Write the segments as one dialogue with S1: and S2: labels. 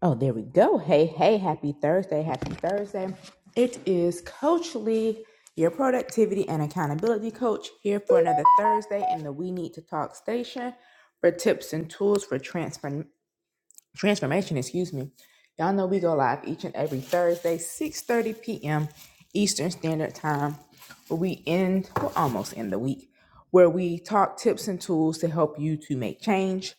S1: Oh, there we go. Hey, hey, happy Thursday. Happy Thursday. It is Coach Lee, your productivity and accountability coach, here for another Thursday in the We Need to Talk station for tips and tools for transformation transformation, excuse me. Y'all know we go live each and every Thursday, 6:30 p.m. Eastern Standard Time, where we end, well, almost end the week, where we talk tips and tools to help you to make change.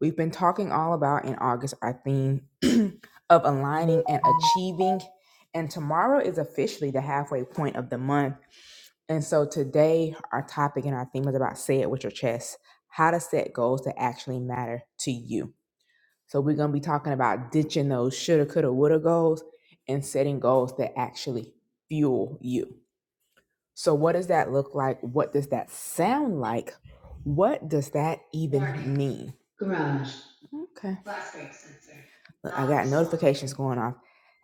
S1: We've been talking all about in August our theme of aligning and achieving. And tomorrow is officially the halfway point of the month. And so today, our topic and our theme is about say it with your chest how to set goals that actually matter to you. So we're going to be talking about ditching those shoulda, coulda, woulda goals and setting goals that actually fuel you. So what does that look like? What does that sound like? What does that even mean? Okay. Look, I got notifications going off.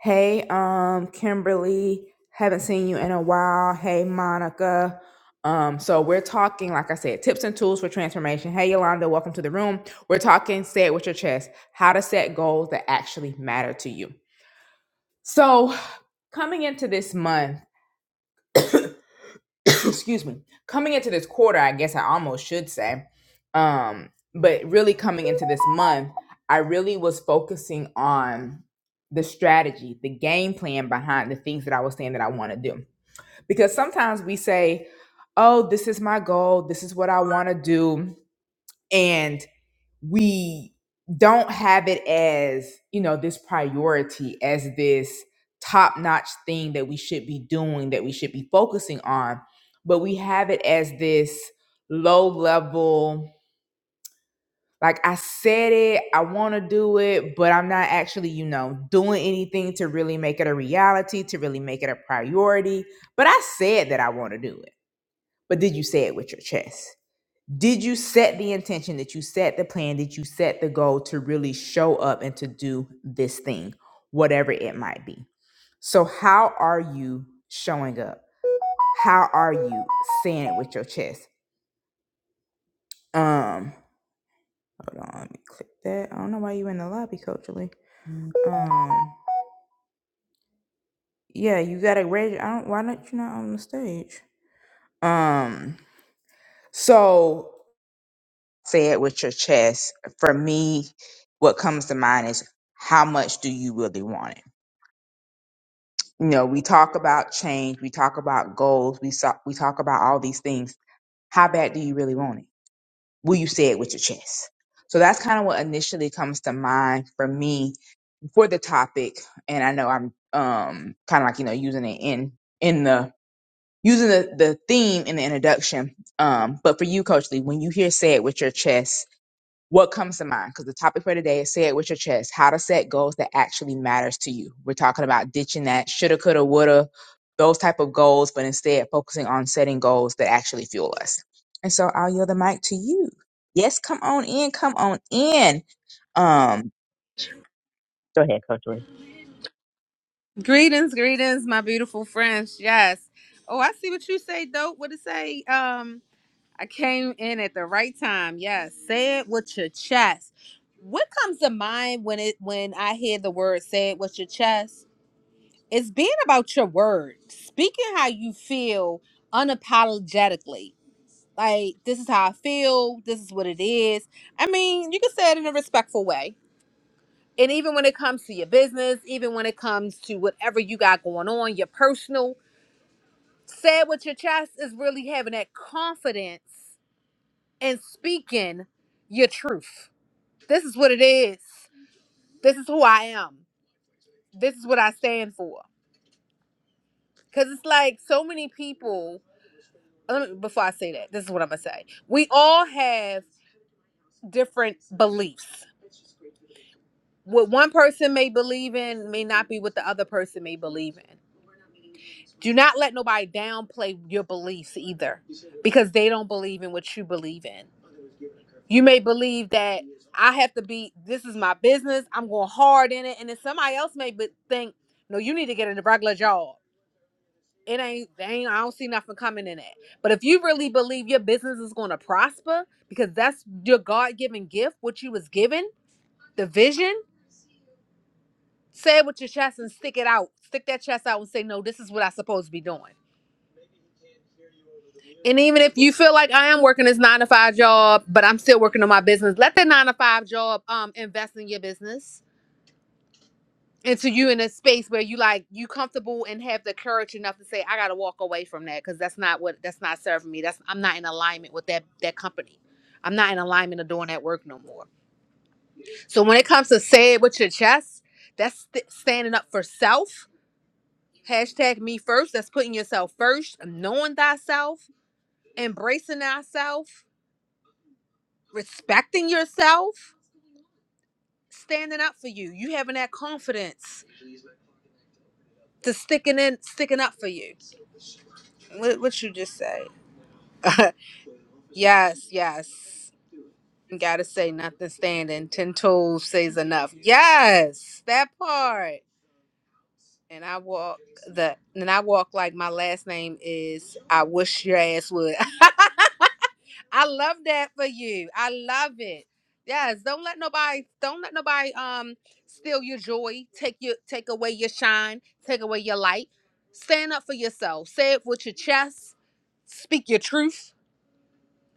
S1: Hey, um Kimberly, haven't seen you in a while. Hey, Monica. Um, so we're talking, like I said, tips and tools for transformation. Hey, Yolanda, welcome to the room. We're talking, say it with your chest, how to set goals that actually matter to you. So coming into this month, excuse me, coming into this quarter, I guess I almost should say, um, but really coming into this month, I really was focusing on the strategy, the game plan behind the things that I was saying that I want to do. Because sometimes we say, oh, this is my goal, this is what I want to do. And we don't have it as you know this priority as this top notch thing that we should be doing that we should be focusing on but we have it as this low level like i said it i want to do it but i'm not actually you know doing anything to really make it a reality to really make it a priority but i said that i want to do it but did you say it with your chest did you set the intention? Did you set the plan? Did you set the goal to really show up and to do this thing, whatever it might be? So, how are you showing up? How are you saying it with your chest? Um, hold on, let me click that. I don't know why you in the lobby, Coach Lee. Um, yeah, you gotta reg. I don't. Why not you not on the stage? Um, so say it with your chest. For me, what comes to mind is how much do you really want it? you know, we talk about change, we talk about goals, we so- we talk about all these things. How bad do you really want it? Will you say it with your chest? So that's kind of what initially comes to mind for me for the topic. And I know I'm um kind of like you know using it in in the using the, the theme in the introduction. Um, but for you, Coach Lee, when you hear "say it with your chest," what comes to mind? Because the topic for today is say it with your chest. How to set goals that actually matters to you. We're talking about ditching that shoulda, coulda, woulda, those type of goals, but instead focusing on setting goals that actually fuel us. And so I'll yield the mic to you. Yes, come on in, come on in. Um, go ahead, Coach Lee.
S2: Greetings, greetings, my beautiful friends. Yes. Oh, I see what you say, dope. What it say? Um, I came in at the right time. Yes. Say it with your chest. What comes to mind when it when I hear the word say it with your chest? It's being about your word, speaking how you feel unapologetically. Like this is how I feel, this is what it is. I mean, you can say it in a respectful way and even when it comes to your business, even when it comes to whatever you got going on, your personal, say it with your chest is really having that confidence and speaking your truth. This is what it is. This is who I am. This is what I stand for. Because it's like so many people, let me, before I say that, this is what I'm going to say. We all have different beliefs. What one person may believe in may not be what the other person may believe in. do not let nobody downplay your beliefs either because they don't believe in what you believe in you may believe that i have to be this is my business i'm going hard in it and then somebody else may be, think no you need to get a regular job it ain't, they ain't i don't see nothing coming in it but if you really believe your business is going to prosper because that's your god-given gift what you was given the vision say it with your chest and stick it out stick that chest out and say no this is what i'm supposed to be doing And even if you feel like I am working this nine to five job, but I'm still working on my business, let that nine to five job um invest in your business. And to you in a space where you like you comfortable and have the courage enough to say, I gotta walk away from that because that's not what that's not serving me. That's I'm not in alignment with that that company. I'm not in alignment of doing that work no more. So when it comes to say it with your chest, that's st- standing up for self. Hashtag me first. That's putting yourself first, knowing thyself, embracing thyself respecting yourself, standing up for you, you having that confidence to sticking in, sticking up for you. What, what you just say? yes, yes. You gotta say nothing standing. Ten toes says enough. Yes, that part. And I walk the and I walk like my last name is. I wish your ass would. I love that for you. I love it. Yes, don't let nobody don't let nobody um steal your joy, take your take away your shine, take away your light. Stand up for yourself. Say it with your chest. Speak your truth.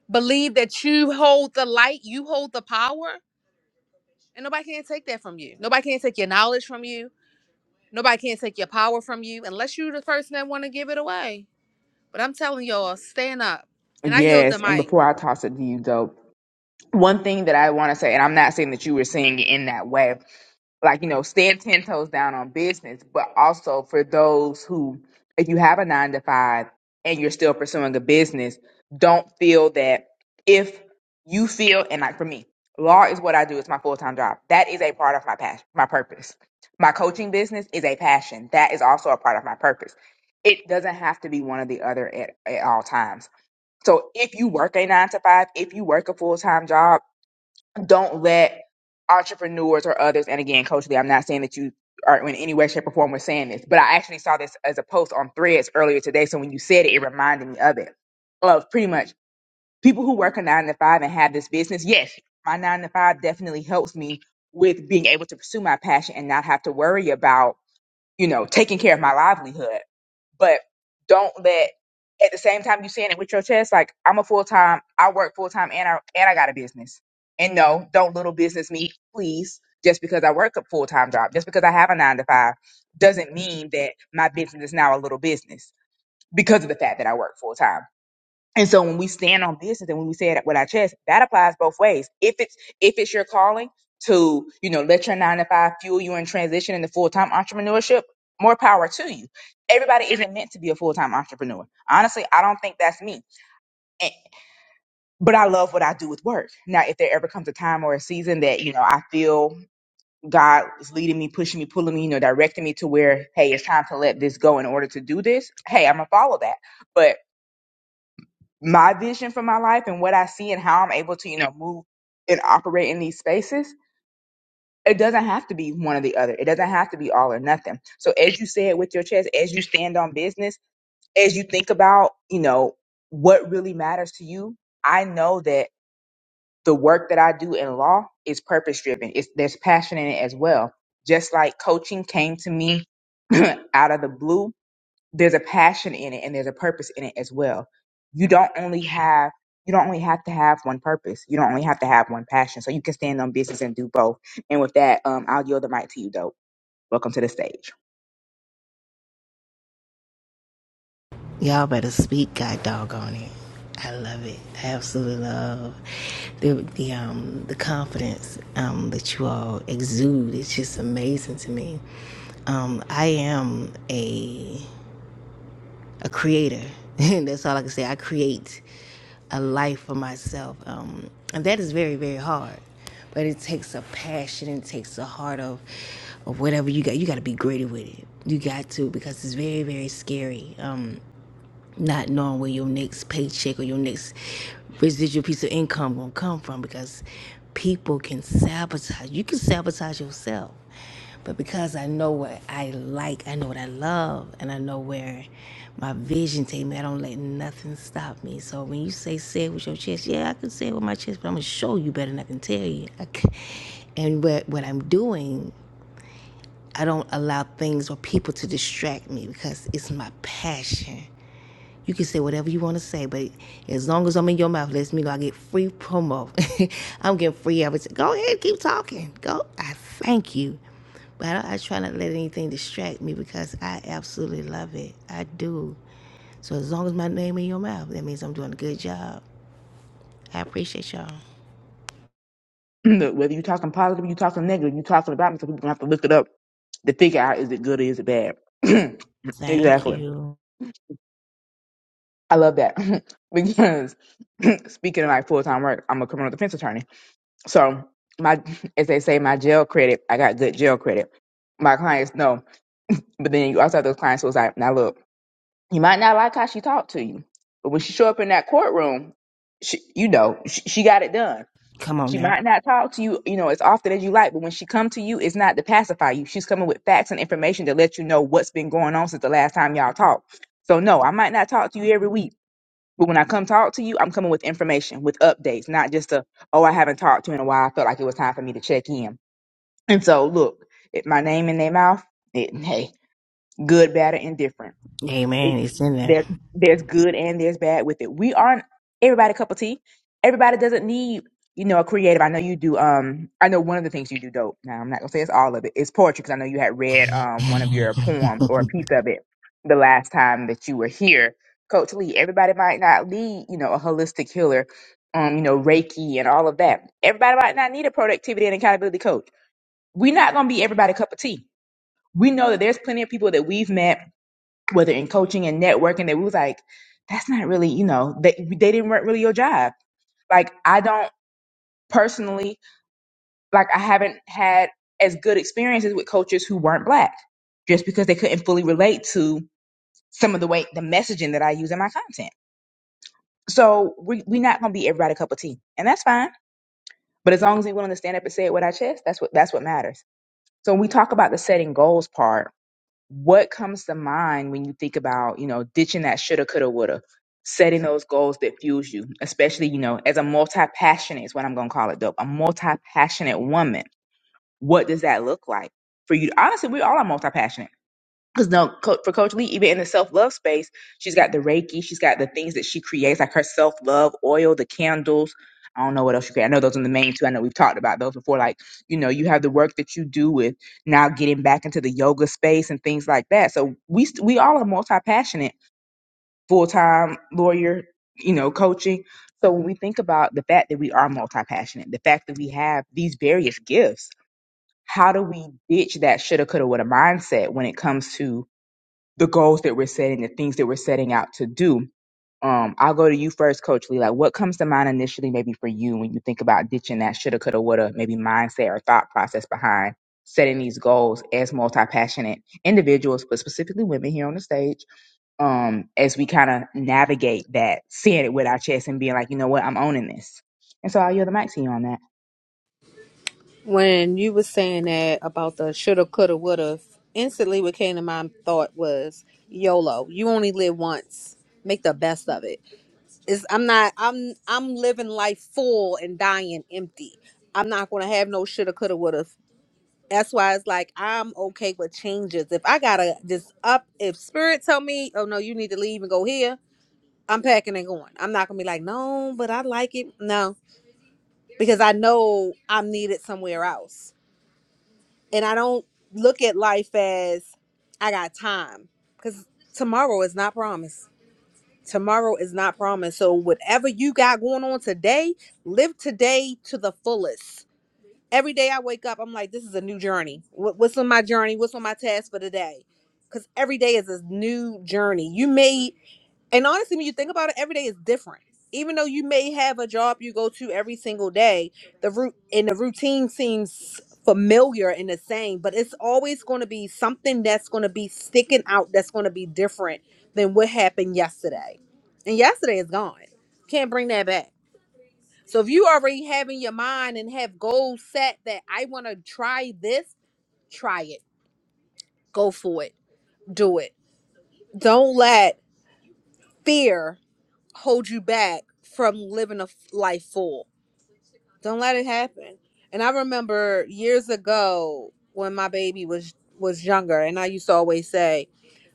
S2: Believe that you hold the light, you hold the power, and nobody can take that from you. Nobody can take your knowledge from you. Nobody can take your power from you unless you're the person that want to give it away. But I'm telling y'all, stand up. And I yield the
S1: Yes, and
S2: mic.
S1: before I toss it to you, though, one thing that I want to say, and I'm not saying that you were saying it in that way, like you know stand 10 toes down on business but also for those who if you have a nine to five and you're still pursuing a business don't feel that if you feel and like for me law is what i do it's my full-time job that is a part of my passion my purpose my coaching business is a passion that is also a part of my purpose it doesn't have to be one or the other at, at all times so if you work a nine to five if you work a full-time job don't let entrepreneurs or others, and again, Coach Lee, I'm not saying that you are in any way, shape, or form was saying this, but I actually saw this as a post on threads earlier today. So when you said it, it reminded me of it. Of pretty much people who work a nine to five and have this business. Yes, my nine to five definitely helps me with being able to pursue my passion and not have to worry about you know, taking care of my livelihood. But don't let at the same time you saying it with your chest, like I'm a full time, I work full time and I and I got a business. And no, don't little business me, please. Just because I work a full time job, just because I have a nine to five, doesn't mean that my business is now a little business because of the fact that I work full time. And so when we stand on business and when we say it with our chest, that applies both ways. If it's if it's your calling to, you know, let your nine to five fuel you in transition into full time entrepreneurship, more power to you. Everybody isn't meant to be a full time entrepreneur. Honestly, I don't think that's me. And- but I love what I do with work. Now, if there ever comes a time or a season that, you know, I feel God is leading me, pushing me, pulling me, you know, directing me to where, hey, it's time to let this go in order to do this, hey, I'm gonna follow that. But my vision for my life and what I see and how I'm able to, you know, move and operate in these spaces, it doesn't have to be one or the other. It doesn't have to be all or nothing. So as you say it with your chest, as you stand on business, as you think about, you know, what really matters to you, I know that the work that I do in law is purpose driven. It's there's passion in it as well. Just like coaching came to me out of the blue there's a passion in it and there's a purpose in it as well. You don't only have you don't only have to have one purpose. You don't only have to have one passion. So you can stand on business and do both. And with that, um, I'll yield the mic to you, dope. Welcome to the stage.
S3: Y'all better speak, God doggone it. I love it. I absolutely love the the um the confidence um that you all exude. It's just amazing to me. Um, I am a a creator. That's all I can say. I create a life for myself, um, and that is very very hard. But it takes a passion. It takes a heart of of whatever you got. You got to be gritty with it. You got to because it's very very scary. Um, not knowing where your next paycheck or your next residual piece of income gonna come from because people can sabotage. You can sabotage yourself. But because I know what I like, I know what I love, and I know where my vision take me, I don't let nothing stop me. So when you say say it with your chest, yeah, I can say it with my chest, but I'm gonna show you better than I can tell you. I c- and what what I'm doing, I don't allow things or people to distract me because it's my passion. You can say whatever you want to say, but as long as I'm in your mouth, let me know I get free promo. I'm getting free advertising. Go ahead, keep talking. Go. I thank you. But I, I try not to let anything distract me because I absolutely love it. I do. So as long as my name in your mouth, that means I'm doing a good job. I appreciate y'all.
S1: Look, whether you're talking positive, you're talking negative, you're talking about me, so people gonna have to look it up to figure out is it good or is it bad.
S3: Thank
S1: exactly.
S3: you.
S1: I love that because speaking of my full time work, I'm a criminal defense attorney. So my, as they say, my jail credit, I got good jail credit. My clients know, but then you also have those clients who was like, now look, you might not like how she talked to you, but when she show up in that courtroom, she, you know, she, she got it done.
S3: Come on
S1: She
S3: now.
S1: might not talk to you, you know, as often as you like, but when she come to you, it's not to pacify you. She's coming with facts and information to let you know what's been going on since the last time y'all talked. So no, I might not talk to you every week but when I come talk to you, I'm coming with information, with updates, not just a, oh, I haven't talked to you in a while. I felt like it was time for me to check in. And so, look, it, my name in their mouth, it, hey, good, bad, or indifferent it,
S3: Amen. It's in there.
S1: there there's good and there's bad with it. We aren't everybody a cup of tea. Everybody doesn't need you know a creative. I know you do. Um, I know one of the things you do dope. Now I'm not gonna say it's all of it. It's poetry because I know you had read um one of your poems or a piece of it the last time that you were here, Coach Lee. Everybody might not need you know a holistic healer, um you know Reiki and all of that. Everybody might not need a productivity and accountability coach. We're not gonna be everybody a cup of tea. We know that there's plenty of people that we've met whether in coaching and networking that we was like, that's not really, you know, they they didn't work really your job. Like I don't personally like I haven't had as good experiences with coaches who weren't black just because they couldn't fully relate to some of the way the messaging that I use in my content. So we we're not gonna be everybody a cup of tea. And that's fine. But as long as they're willing to stand up and say it with our chest, that's what that's what matters. So when we talk about the setting goals part, what comes to mind when you think about you know ditching that shoulda coulda woulda setting those goals that fuels you especially you know as a multi-passionate is what i'm gonna call it though a multi-passionate woman what does that look like for you honestly we all are multi-passionate because no, co- for Coach Lee, even in the self love space, she's got the Reiki, she's got the things that she creates, like her self love oil, the candles. I don't know what else you create. I know those are the main two. I know we've talked about those before. Like, you know, you have the work that you do with now getting back into the yoga space and things like that. So we st- we all are multi passionate, full time lawyer, you know, coaching. So when we think about the fact that we are multi passionate, the fact that we have these various gifts, how do we ditch that shoulda, coulda, woulda mindset when it comes to the goals that we're setting, the things that we're setting out to do. Um, I'll go to you first, Coach Lee. Like, what comes to mind initially, maybe for you, when you think about ditching that shoulda, coulda, woulda, maybe mindset or thought process behind setting these goals as multi-passionate individuals, but specifically women here on the stage, um, as we kind of navigate that, seeing it with our chest and being like, you know what, I'm owning this. And so I'll yield the mic to you on that.
S2: When you were saying that about the shoulda, coulda, woulda, instantly what came to my thought was YOLO. You only live once. Make the best of it. It's, I'm not. I'm. I'm living life full and dying empty. I'm not gonna have no shoulda, coulda, woulda. That's why it's like I'm okay with changes. If I gotta just up, if spirit tell me, oh no, you need to leave and go here, I'm packing and going. I'm not gonna be like, no, but I like it. No, because I know I'm needed somewhere else and I don't look at life as I got time because tomorrow is not promised. Tomorrow is not promised. So whatever you got going on today, live today to the fullest. Every day I wake up, I'm like, this is a new journey. What- What's on my journey? What's on my task for today? Because every day is a new journey. You may and honestly, when you think about it, every day is different. Even though you may have a job you go to every single day, the root and the routine seems familiar and the same, but it's always going to be something that's going to be sticking out that's going to be different than what happened yesterday. And yesterday is gone. Can't bring that back. So if you already have in your mind and have goals set that I want to try this, try it. Go for it. Do it. Don't let fear hold you back from living a f- life full. Don't let it happen. And I remember years ago when my baby was was younger, and I used to always say,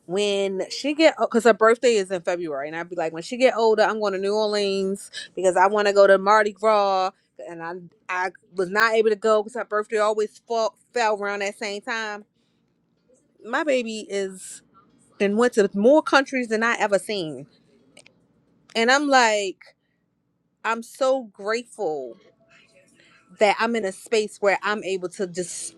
S2: when she get, because her birthday is in February, and I'd be like, when she get older, I'm going to New Orleans because I want to go to Mardi Gras, and I I was not able to go because her birthday always fall, fell around that same time. My baby is then went to more countries than I ever seen, and I'm like, I'm so grateful that I'm in a space where I'm able to just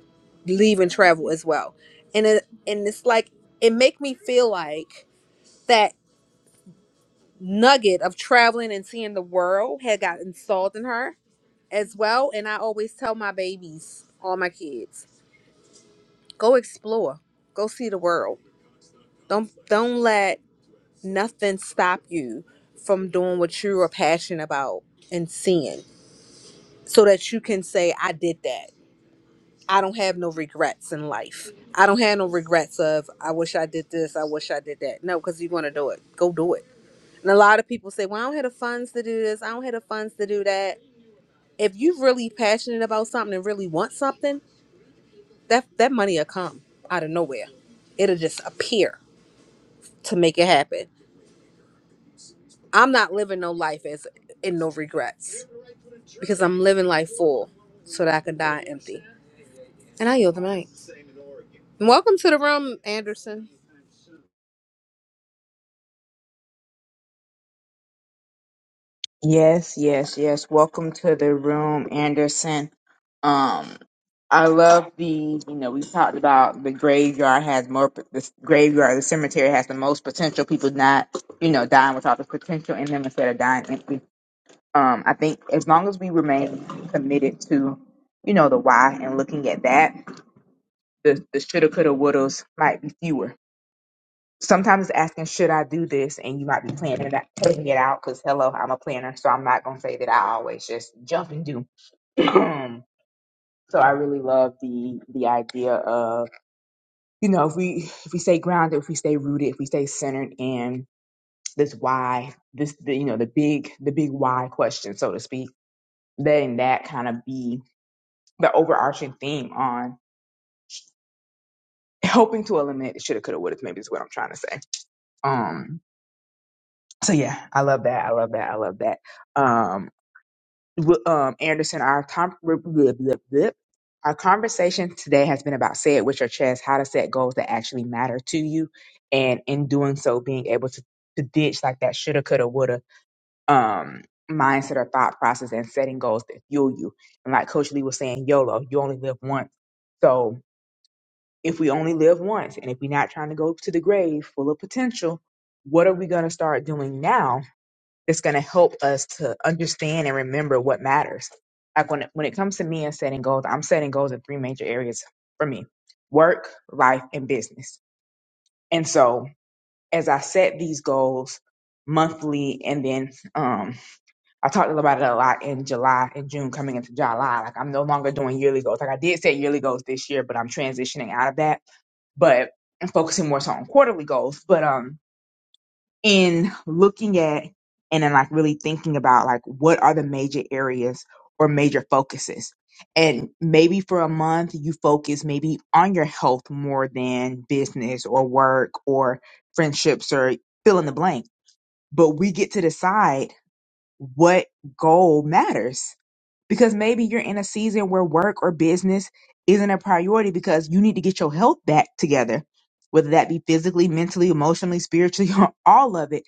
S2: leave and travel as well. And it, and it's like it make me feel like that nugget of traveling and seeing the world had got installed in her as well. And I always tell my babies, all my kids, go explore, go see the world. Don't don't let nothing stop you from doing what you are passionate about and seeing, so that you can say, I did that. I don't have no regrets in life. I don't have no regrets of I wish I did this, I wish I did that. No, because you want to do it, go do it. And a lot of people say, "Well, I don't have the funds to do this. I don't have the funds to do that." If you're really passionate about something and really want something, that that money will come out of nowhere. It'll just appear to make it happen. I'm not living no life as in no regrets because I'm living life full so that I can die empty. And I yield the mic. Welcome to the room, Anderson.
S1: Yes, yes, yes. Welcome to the room, Anderson. Um, I love the, you know, we talked about the graveyard has more, the graveyard, the cemetery has the most potential. People not, you know, dying with all the potential in them instead of dying empty. Um, I think as long as we remain committed to, you know, the why and looking at that, the, the shoulda, coulda, wouldas might be fewer sometimes asking should I do this, and you might be planning it out, planning it out because hello, I'm a planner, so I'm not gonna say that I always just jump and do. so I really love the the idea of you know if we if we stay grounded, if we stay rooted, if we stay centered in this why, this the, you know the big the big why question, so to speak, then that kind of be the overarching theme on helping to eliminate the shoulda, coulda, woulda. Maybe is what I'm trying to say. Um. So yeah, I love that. I love that. I love that. Um w- um, Anderson, our com- blip, blip, blip, blip. our conversation today has been about say it with your chest, how to set goals that actually matter to you, and in doing so, being able to, to ditch like that shoulda, coulda, woulda um, mindset or thought process, and setting goals that fuel you. And like Coach Lee was saying, YOLO, you only live once. So if we only live once, and if we're not trying to go to the grave full of potential, what are we gonna start doing now that's going to help us to understand and remember what matters. Like when it, when it comes to me and setting goals, I'm setting goals in three major areas for me: work, life, and business. And so, as I set these goals monthly, and then um, I talked about it a lot in July and June coming into July. Like I'm no longer doing yearly goals. Like I did set yearly goals this year, but I'm transitioning out of that. But I'm focusing more so on quarterly goals. But um, in looking at and then like really thinking about like what are the major areas or major focuses and maybe for a month you focus maybe on your health more than business or work or friendships or fill in the blank but we get to decide what goal matters because maybe you're in a season where work or business isn't a priority because you need to get your health back together whether that be physically mentally emotionally spiritually all of it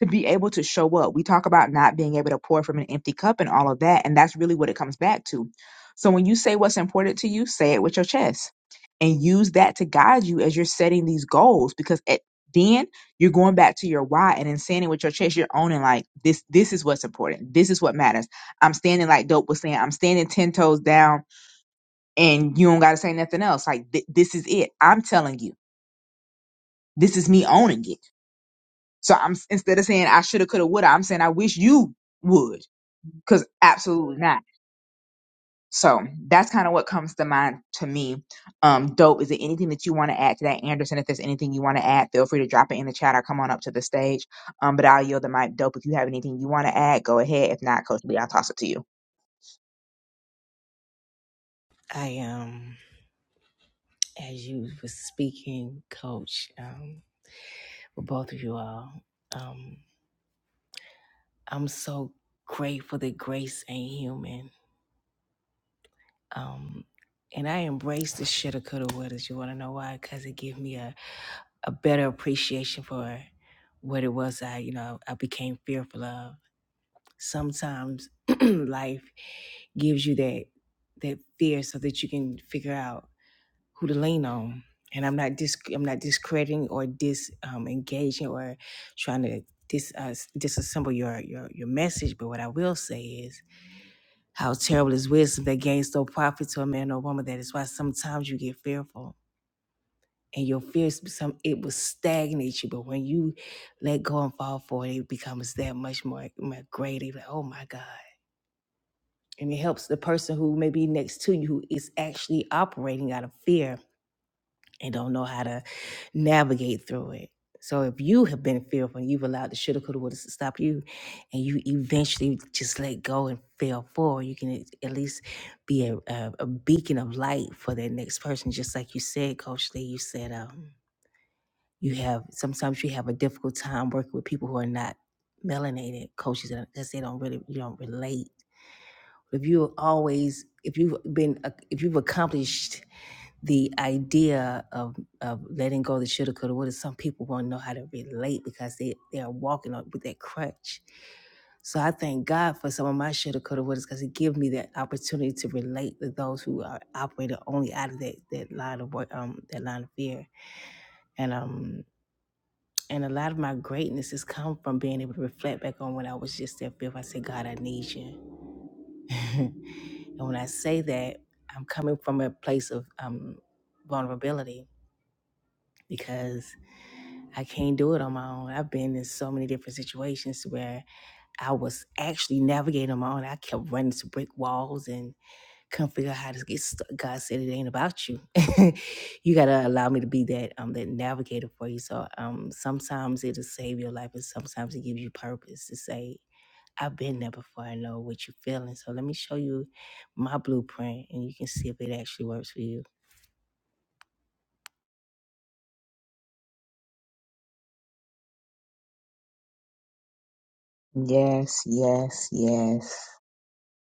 S1: to be able to show up. We talk about not being able to pour from an empty cup and all of that. And that's really what it comes back to. So when you say what's important to you, say it with your chest and use that to guide you as you're setting these goals because at then you're going back to your why and in standing with your chest, you're owning like this this is what's important. This is what matters. I'm standing like dope was saying, I'm standing ten toes down and you don't gotta say nothing else. Like th- this is it. I'm telling you. This is me owning it so I'm instead of saying I shoulda, coulda, woulda, I'm saying I wish you would, because absolutely not. So that's kind of what comes to mind to me. Um, dope. Is there anything that you want to add to that, Anderson? If there's anything you want to add, feel free to drop it in the chat or come on up to the stage. Um, but I'll yield the mic. Dope. If you have anything you want to add, go ahead. If not, Coach Lee, I'll toss it to you.
S3: I um, as you were speaking, Coach, um, with both of you all, um, I'm so grateful that grace ain't human. Um, and I embrace the shoulda, coulda, wouldas. You want to know why? Because it gave me a, a better appreciation for what it was I, you know, I became fearful of. Sometimes life gives you that that fear so that you can figure out who to lean on. And I'm not dis I'm not discrediting or dis um, engaging or trying to dis uh, disassemble your your your message. But what I will say is How terrible is wisdom that gains no profit to a man or woman. That is why sometimes you get fearful. And your fears become it will stagnate you. But when you let go and fall for it, it becomes that much more, more greater. You're Like, oh my God. And it helps the person who may be next to you who is actually operating out of fear and don't know how to navigate through it. So if you have been fearful and you've allowed the shit critical waters to stop you, and you eventually just let go and fail forward, you can at at least be a, a, a beacon of light for that next person. Just like you said, Coach Lee, you said um, you have sometimes you have a difficult time working with people who are not melanated coaches because they don't really you don't relate. If you always if you've been uh, if you've accomplished the idea of of letting go of the shoulda, coulda, woulda. Some people won't know how to relate because they they are walking on with that crutch. So I thank God for some of my shoulda, coulda, wouldas because it give me that opportunity to relate to those who are operating only out of that that line of work, um, that line of fear, and um. And a lot of my greatness has come from being able to reflect back on when I was just that fifth. I said, God, I need you. and when I say that, I'm coming from a place of um, vulnerability because I can't do it on my own. I've been in so many different situations where I was actually navigating on my own. I kept running to brick walls and couldn't figure out how to get stuck. God said it ain't about you. you gotta allow me to be that um that navigator for you. So um sometimes it'll save your life and sometimes it gives you purpose to say, I've been there before, I know what you're feeling. So let me show you my blueprint and you can see if it actually works for you.
S1: Yes, yes, yes,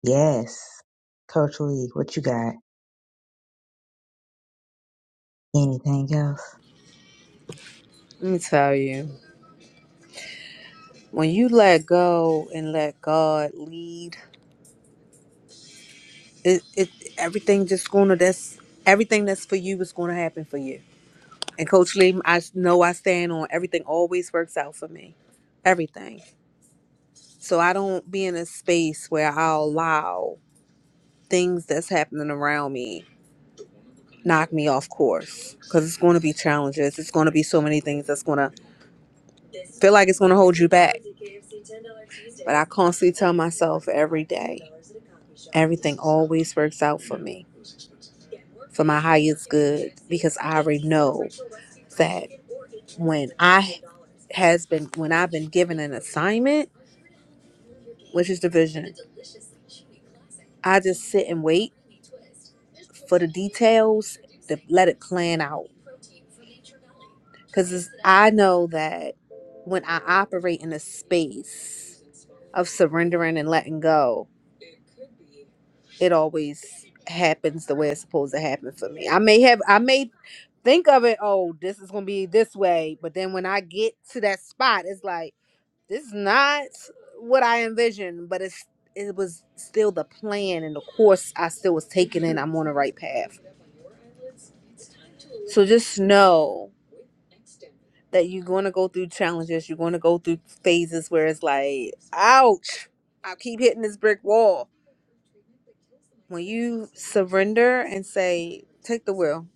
S1: yes. Coach Lee, what you got? Anything else?
S2: Let me tell you. when you let go and let God lead, it, it everything just gonna that's everything that's for you is gonna happen for you. And Coach Lee, I s- know I stand on everything always works out for me, everything. So I don't be in a space where I'll allow things that's happening around me knock me off course because it's going to be challenges. It's going to be so many things that's going to feel like it's going to hold you back. But I constantly tell myself every day, everything always works out for me for my highest good because I already know that when I has been when I've been given an assignment, which is division, I just sit and wait for the details to let it plan out. Because I know that when I operate in a space of surrendering and letting go, it always happens the way it's supposed to happen for me. I may have I may think of it, oh, this is gonna be this way, but then when I get to that spot, it's like this is not what I envisioned, but it's it was still the plan and the course I still was taking and I'm on the right path. So just know that you're gonna go through challenges, you're gonna go through phases where it's like, ouch, I keep hitting this brick wall when you surrender and say, "Take the will,"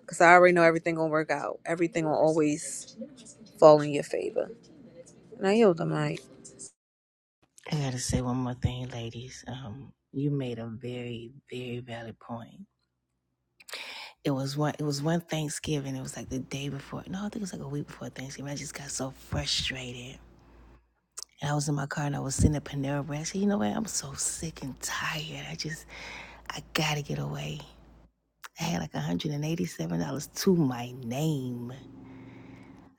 S2: because I already know everything gonna work out. Everything will always fall in your favor. And I yield the mic.
S3: I gotta say one more thing, ladies. Um, you made a very, very valid point. It was one. It was one Thanksgiving. It was like the day before. No, I think it was like a week before Thanksgiving. I just got so frustrated, and I was in my car and I was sitting at Panera Bread. I said, "You know what? I'm so sick and tired. I just, I gotta get away." I had like $187 to my name.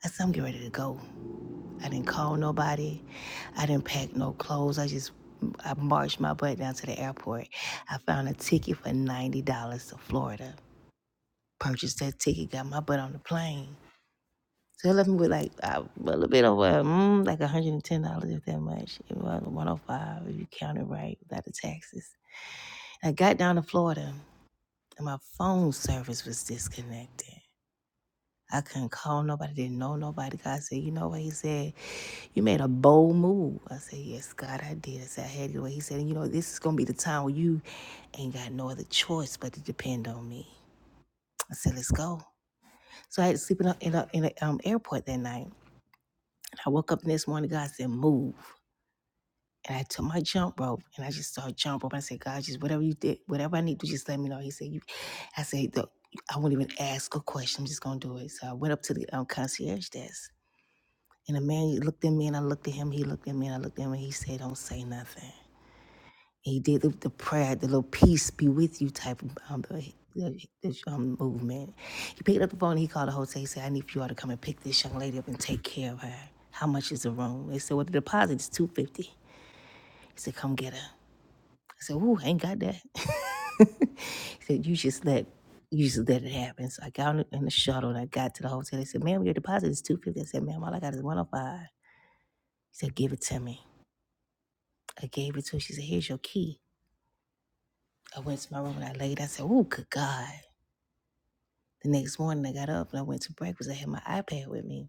S3: I said, "I'm getting ready to go." I didn't call nobody. I didn't pack no clothes. I just I marched my butt down to the airport. I found a ticket for ninety dollars to Florida. Purchased that ticket. Got my butt on the plane. So it left me with like uh, a little bit over, mm, like one hundred and ten dollars, if that much. It was one hundred five dollars if you count it right without the taxes. I got down to Florida and my phone service was disconnected. I couldn't call nobody. Didn't know nobody. God said, you know what? He said You made a bold move. I said, Yes, God, I did. I said, I had your way. He said, You know, this is going to be the time where you ain't got no other choice but to depend on me. I said, Let's go. So I had to sleep in a in a in a, um, airport that night. And I woke up the next morning, God said, Move. And I took my jump rope and I just started jump rope. I said, God, just whatever you did, whatever I need to, just let me know. He said, You, I said, "Look, I won't even ask a question. I'm just going to do it. So I went up to the um, concierge desk. And the man looked at me and I looked at him. He looked at me and I looked at him and he said, Don't say nothing. He did the, the prayer, the little peace be with you type of um, the, the, the, um, movement. He picked up the phone. He called the hotel. He said, "I need for you all to come and pick this young lady up and take care of her. How much is the room?" They said, "Well, the deposit is two hundred fifty. dollars. He said, "Come get her." I said, "Ooh, I ain't got that." he said, "You just let." You just let it happen. So I got on the- in the shuttle and I got to the hotel. They said, "Ma'am, your deposit is 250 I said, "Ma'am, all I got is 105 He said, "Give it to me." I gave it to her. She said, "Here's your key." I went to my room and I laid. I said, "Oh, good God!" The next morning, I got up and I went to breakfast. I had my iPad with me.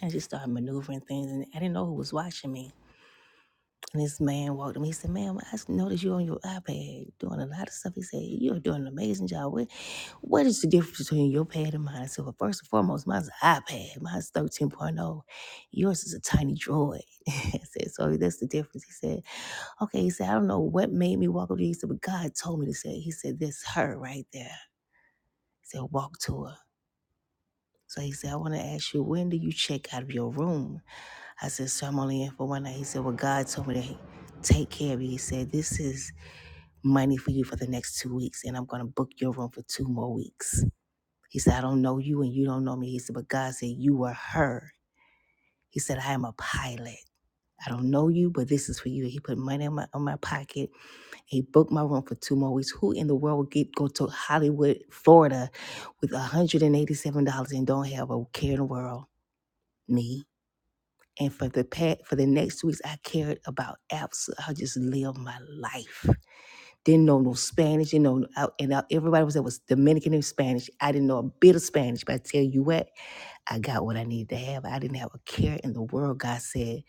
S3: I just started maneuvering things, and I didn't know who was watching me. And this man walked up. He said, "Ma'am, I noticed you on your iPad doing a lot of stuff." He said, "You're doing an amazing job. What, what is the difference between your pad and mine?" I said, "Well, first and foremost, mine's an iPad. Mine's 13.0. Yours is a tiny droid." I said, "So that's the difference." He said, "Okay." He said, "I don't know what made me walk up to you." He said, "But God told me to say." He said, "This her right there." He said, "Walk to her." So he said, I want to ask you, when do you check out of your room? I said, Sir, I'm only in for one night. He said, Well, God told me to take care of you. He said, This is money for you for the next two weeks, and I'm going to book your room for two more weeks. He said, I don't know you and you don't know me. He said, But God said, You are her. He said, I am a pilot. I don't know you, but this is for you. He put money in my, in my pocket. He booked my room for two more weeks. Who in the world would get go to Hollywood, Florida with $187 and don't have a care in the world? Me. And for the past, for the next two weeks, I cared about absolutely. I just lived my life. Didn't know no Spanish. You know, no, I, and I, everybody was that was Dominican and Spanish. I didn't know a bit of Spanish, but I tell you what, I got what I needed to have. I didn't have a care in the world. God said,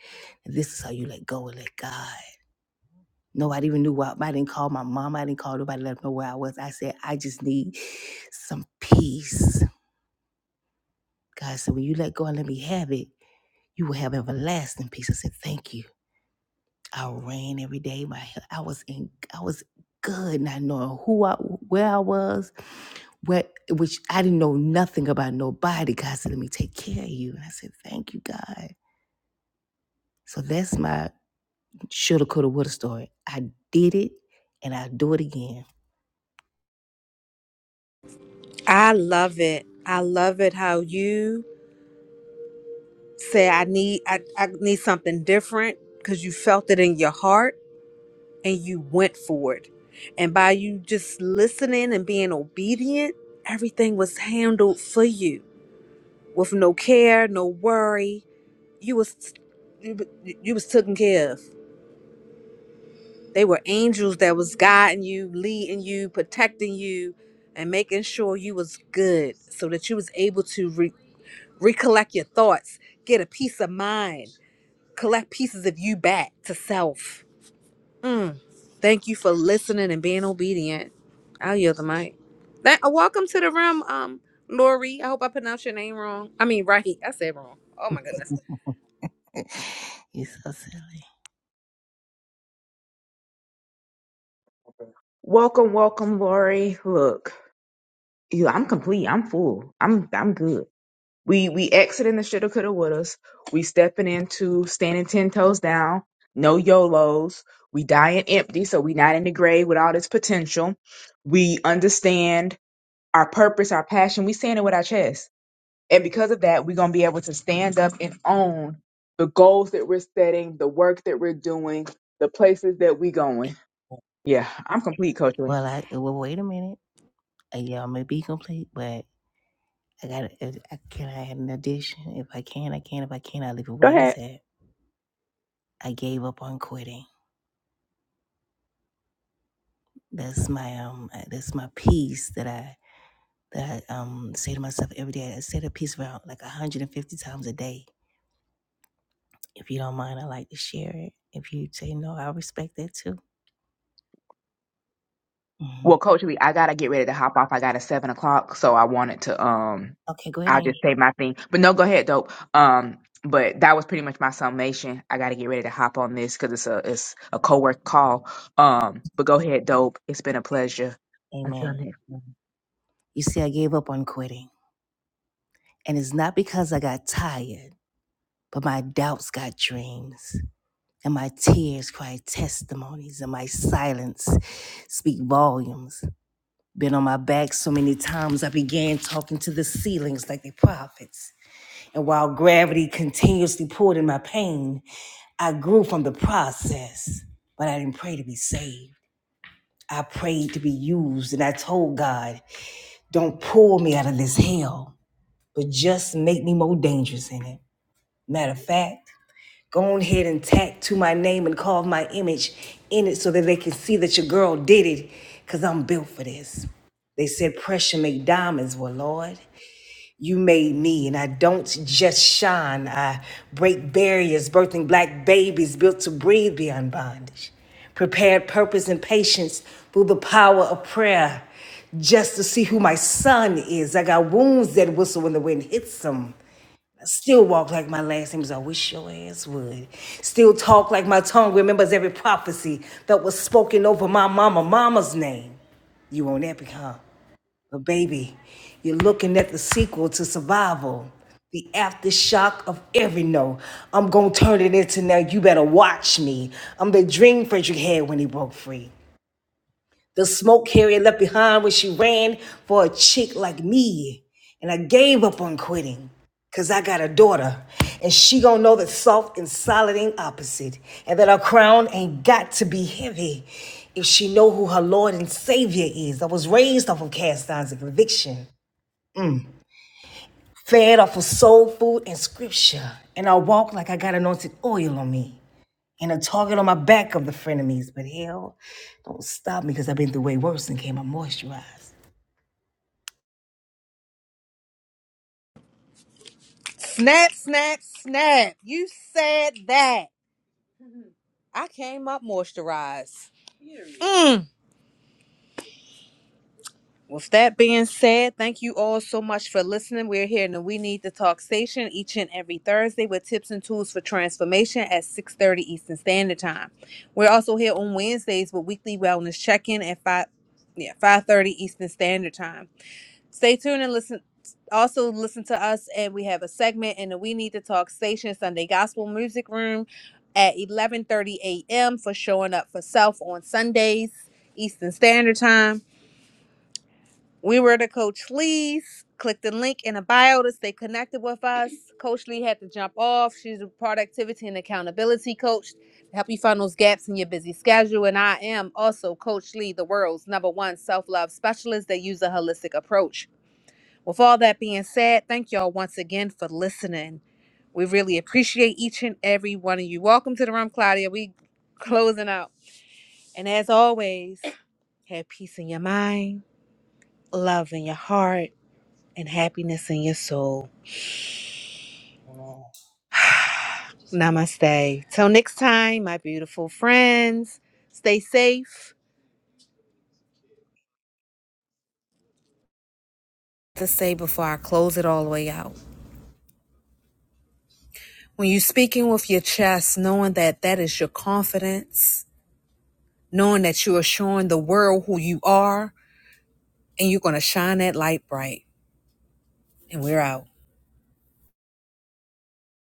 S3: "This is how you let go and let God." Nobody even knew why. I didn't call my mom. I didn't call nobody. Let them know where I was. I said, "I just need some peace." God said, "When you let go and let me have it, you will have everlasting peace." I said, "Thank you." I ran every day. My I was in I was good, not knowing who I where I was, what which I didn't know nothing about nobody. God said, Let me take care of you. And I said, Thank you, God. So that's my shoulda, coulda, woulda story. I did it and I'll do it again.
S2: I love it. I love it how you say I need I, I need something different because you felt it in your heart and you went for it. And by you just listening and being obedient, everything was handled for you with no care, no worry. You was you, you was taken care of. They were angels that was guiding you, leading you, protecting you, and making sure you was good so that you was able to re- recollect your thoughts, get a peace of mind, collect pieces of you back to self. Mm. Thank you for listening and being obedient. I'll yield the mic. That, uh, welcome to the room, um, Lori. I hope I pronounced your name wrong. I mean, right. I said wrong. Oh my goodness.
S3: You're so silly.
S1: Welcome, welcome, Lori. Look. you I'm complete. I'm full. I'm I'm good. We we exiting the shoulda coulda wouldas. We stepping into standing ten toes down. No YOLOs. We dying empty, so we not in the grave with all this potential. We understand our purpose, our passion. We saying it with our chest, and because of that, we're gonna be able to stand up and own the goals that we're setting, the work that we're doing, the places that we going. Yeah, I'm complete, Coach Lee.
S3: Well, I well, wait a minute. Uh, Y'all may be complete, but I got. I can I add an addition? If I can, I can. If I can't, I leave it where
S1: Go ahead.
S3: it's at. I gave up on quitting. That's my um. uh, That's my piece that I that I um say to myself every day. I say the piece around like 150 times a day. If you don't mind, I like to share it. If you say no, I respect that too. hmm
S1: Well, Coach Lee, I gotta get ready to hop off. I got a seven o'clock, so I wanted to um
S3: Okay,
S1: I'll
S3: quitting.
S1: just say my thing. But no, go ahead, dope. Um, but that was pretty much my summation. I gotta get ready to hop on this because it's a it's a co work call. Um, but go ahead, dope. It's been a pleasure. Until
S3: Amen.
S1: next time.
S3: You see, I gave up on quitting, and it's not because I got tired, but my doubts got dreams, and my tears cried testimonies, and my silence speak volumes. Been on my back so many times, I began talking to the ceilings like the prophets. And while gravity continuously pulled in my pain, I grew from the process. But I didn't pray to be saved. I prayed to be used, and I told God, don't pull me out of this hell, but just make me more dangerous in it. Matter of fact, go on ahead and tattoo my name and carve my image in it so that they can see that your girl did it, because I'm built for this. They said pressure make diamonds. Well, Lord, you made me, and I don't just shine. I break barriers, birthing black babies built to breathe beyond bondage. Prepared purpose and patience through the power of prayer, just to see who my son is. I got wounds that whistle when the wind hits them. I still walk like my last name is. I wish your ass would. Still talk like my tongue remembers every prophecy that was spoken over my mama, mama's name. You on epic, huh? But baby, you're looking at the sequel to Survival, the aftershock of every no. I'm gonna turn it into now. You better watch me. I'm the dream Frederick had when he broke free. The smoke Harriet left behind when she ran for a chick like me. And I gave up on quitting. Cause I got a daughter, and she gonna know that soft and solid ain't opposite, and that her crown ain't got to be heavy if she know who her Lord and Savior is. I was raised off of cast irons and conviction. fed off of soul food and scripture. And I walk like I got anointed oil on me and a target on my back of the frenemies. But hell, don't stop me because I've been through way worse and came out moisturized.
S2: Snap, snap, snap. You said that. I came up moisturized. Mm. With that being said, thank you all so much for listening. We're here in the We Need to Talk station each and every Thursday with tips and tools for transformation at 6.30 Eastern Standard Time. We're also here on Wednesdays with weekly wellness check-in at 5, yeah, 5.30 Eastern Standard Time. Stay tuned and listen. Also listen to us, and we have a segment in the We Need to Talk station, Sunday Gospel Music Room at 11.30 a.m. for showing up for self on Sundays, Eastern Standard Time. We were to Coach Lee's. Click the link in the bio to stay connected with us. Coach Lee had to jump off. She's a productivity and accountability coach to help you find those gaps in your busy schedule. And I am also Coach Lee, the world's number one self love specialist that use a holistic approach. With all that being said, thank y'all once again for listening. We really appreciate each and every one of you. Welcome to the room, Claudia. We closing out. And as always, have peace in your mind, love in your heart and happiness in your soul. Namaste. Till next time, my beautiful friends, stay safe. To say before I close it all the way out. When you're speaking with your chest, knowing that that is your confidence, knowing that you are showing the world who you are, and you're going to shine that light bright. And we're out.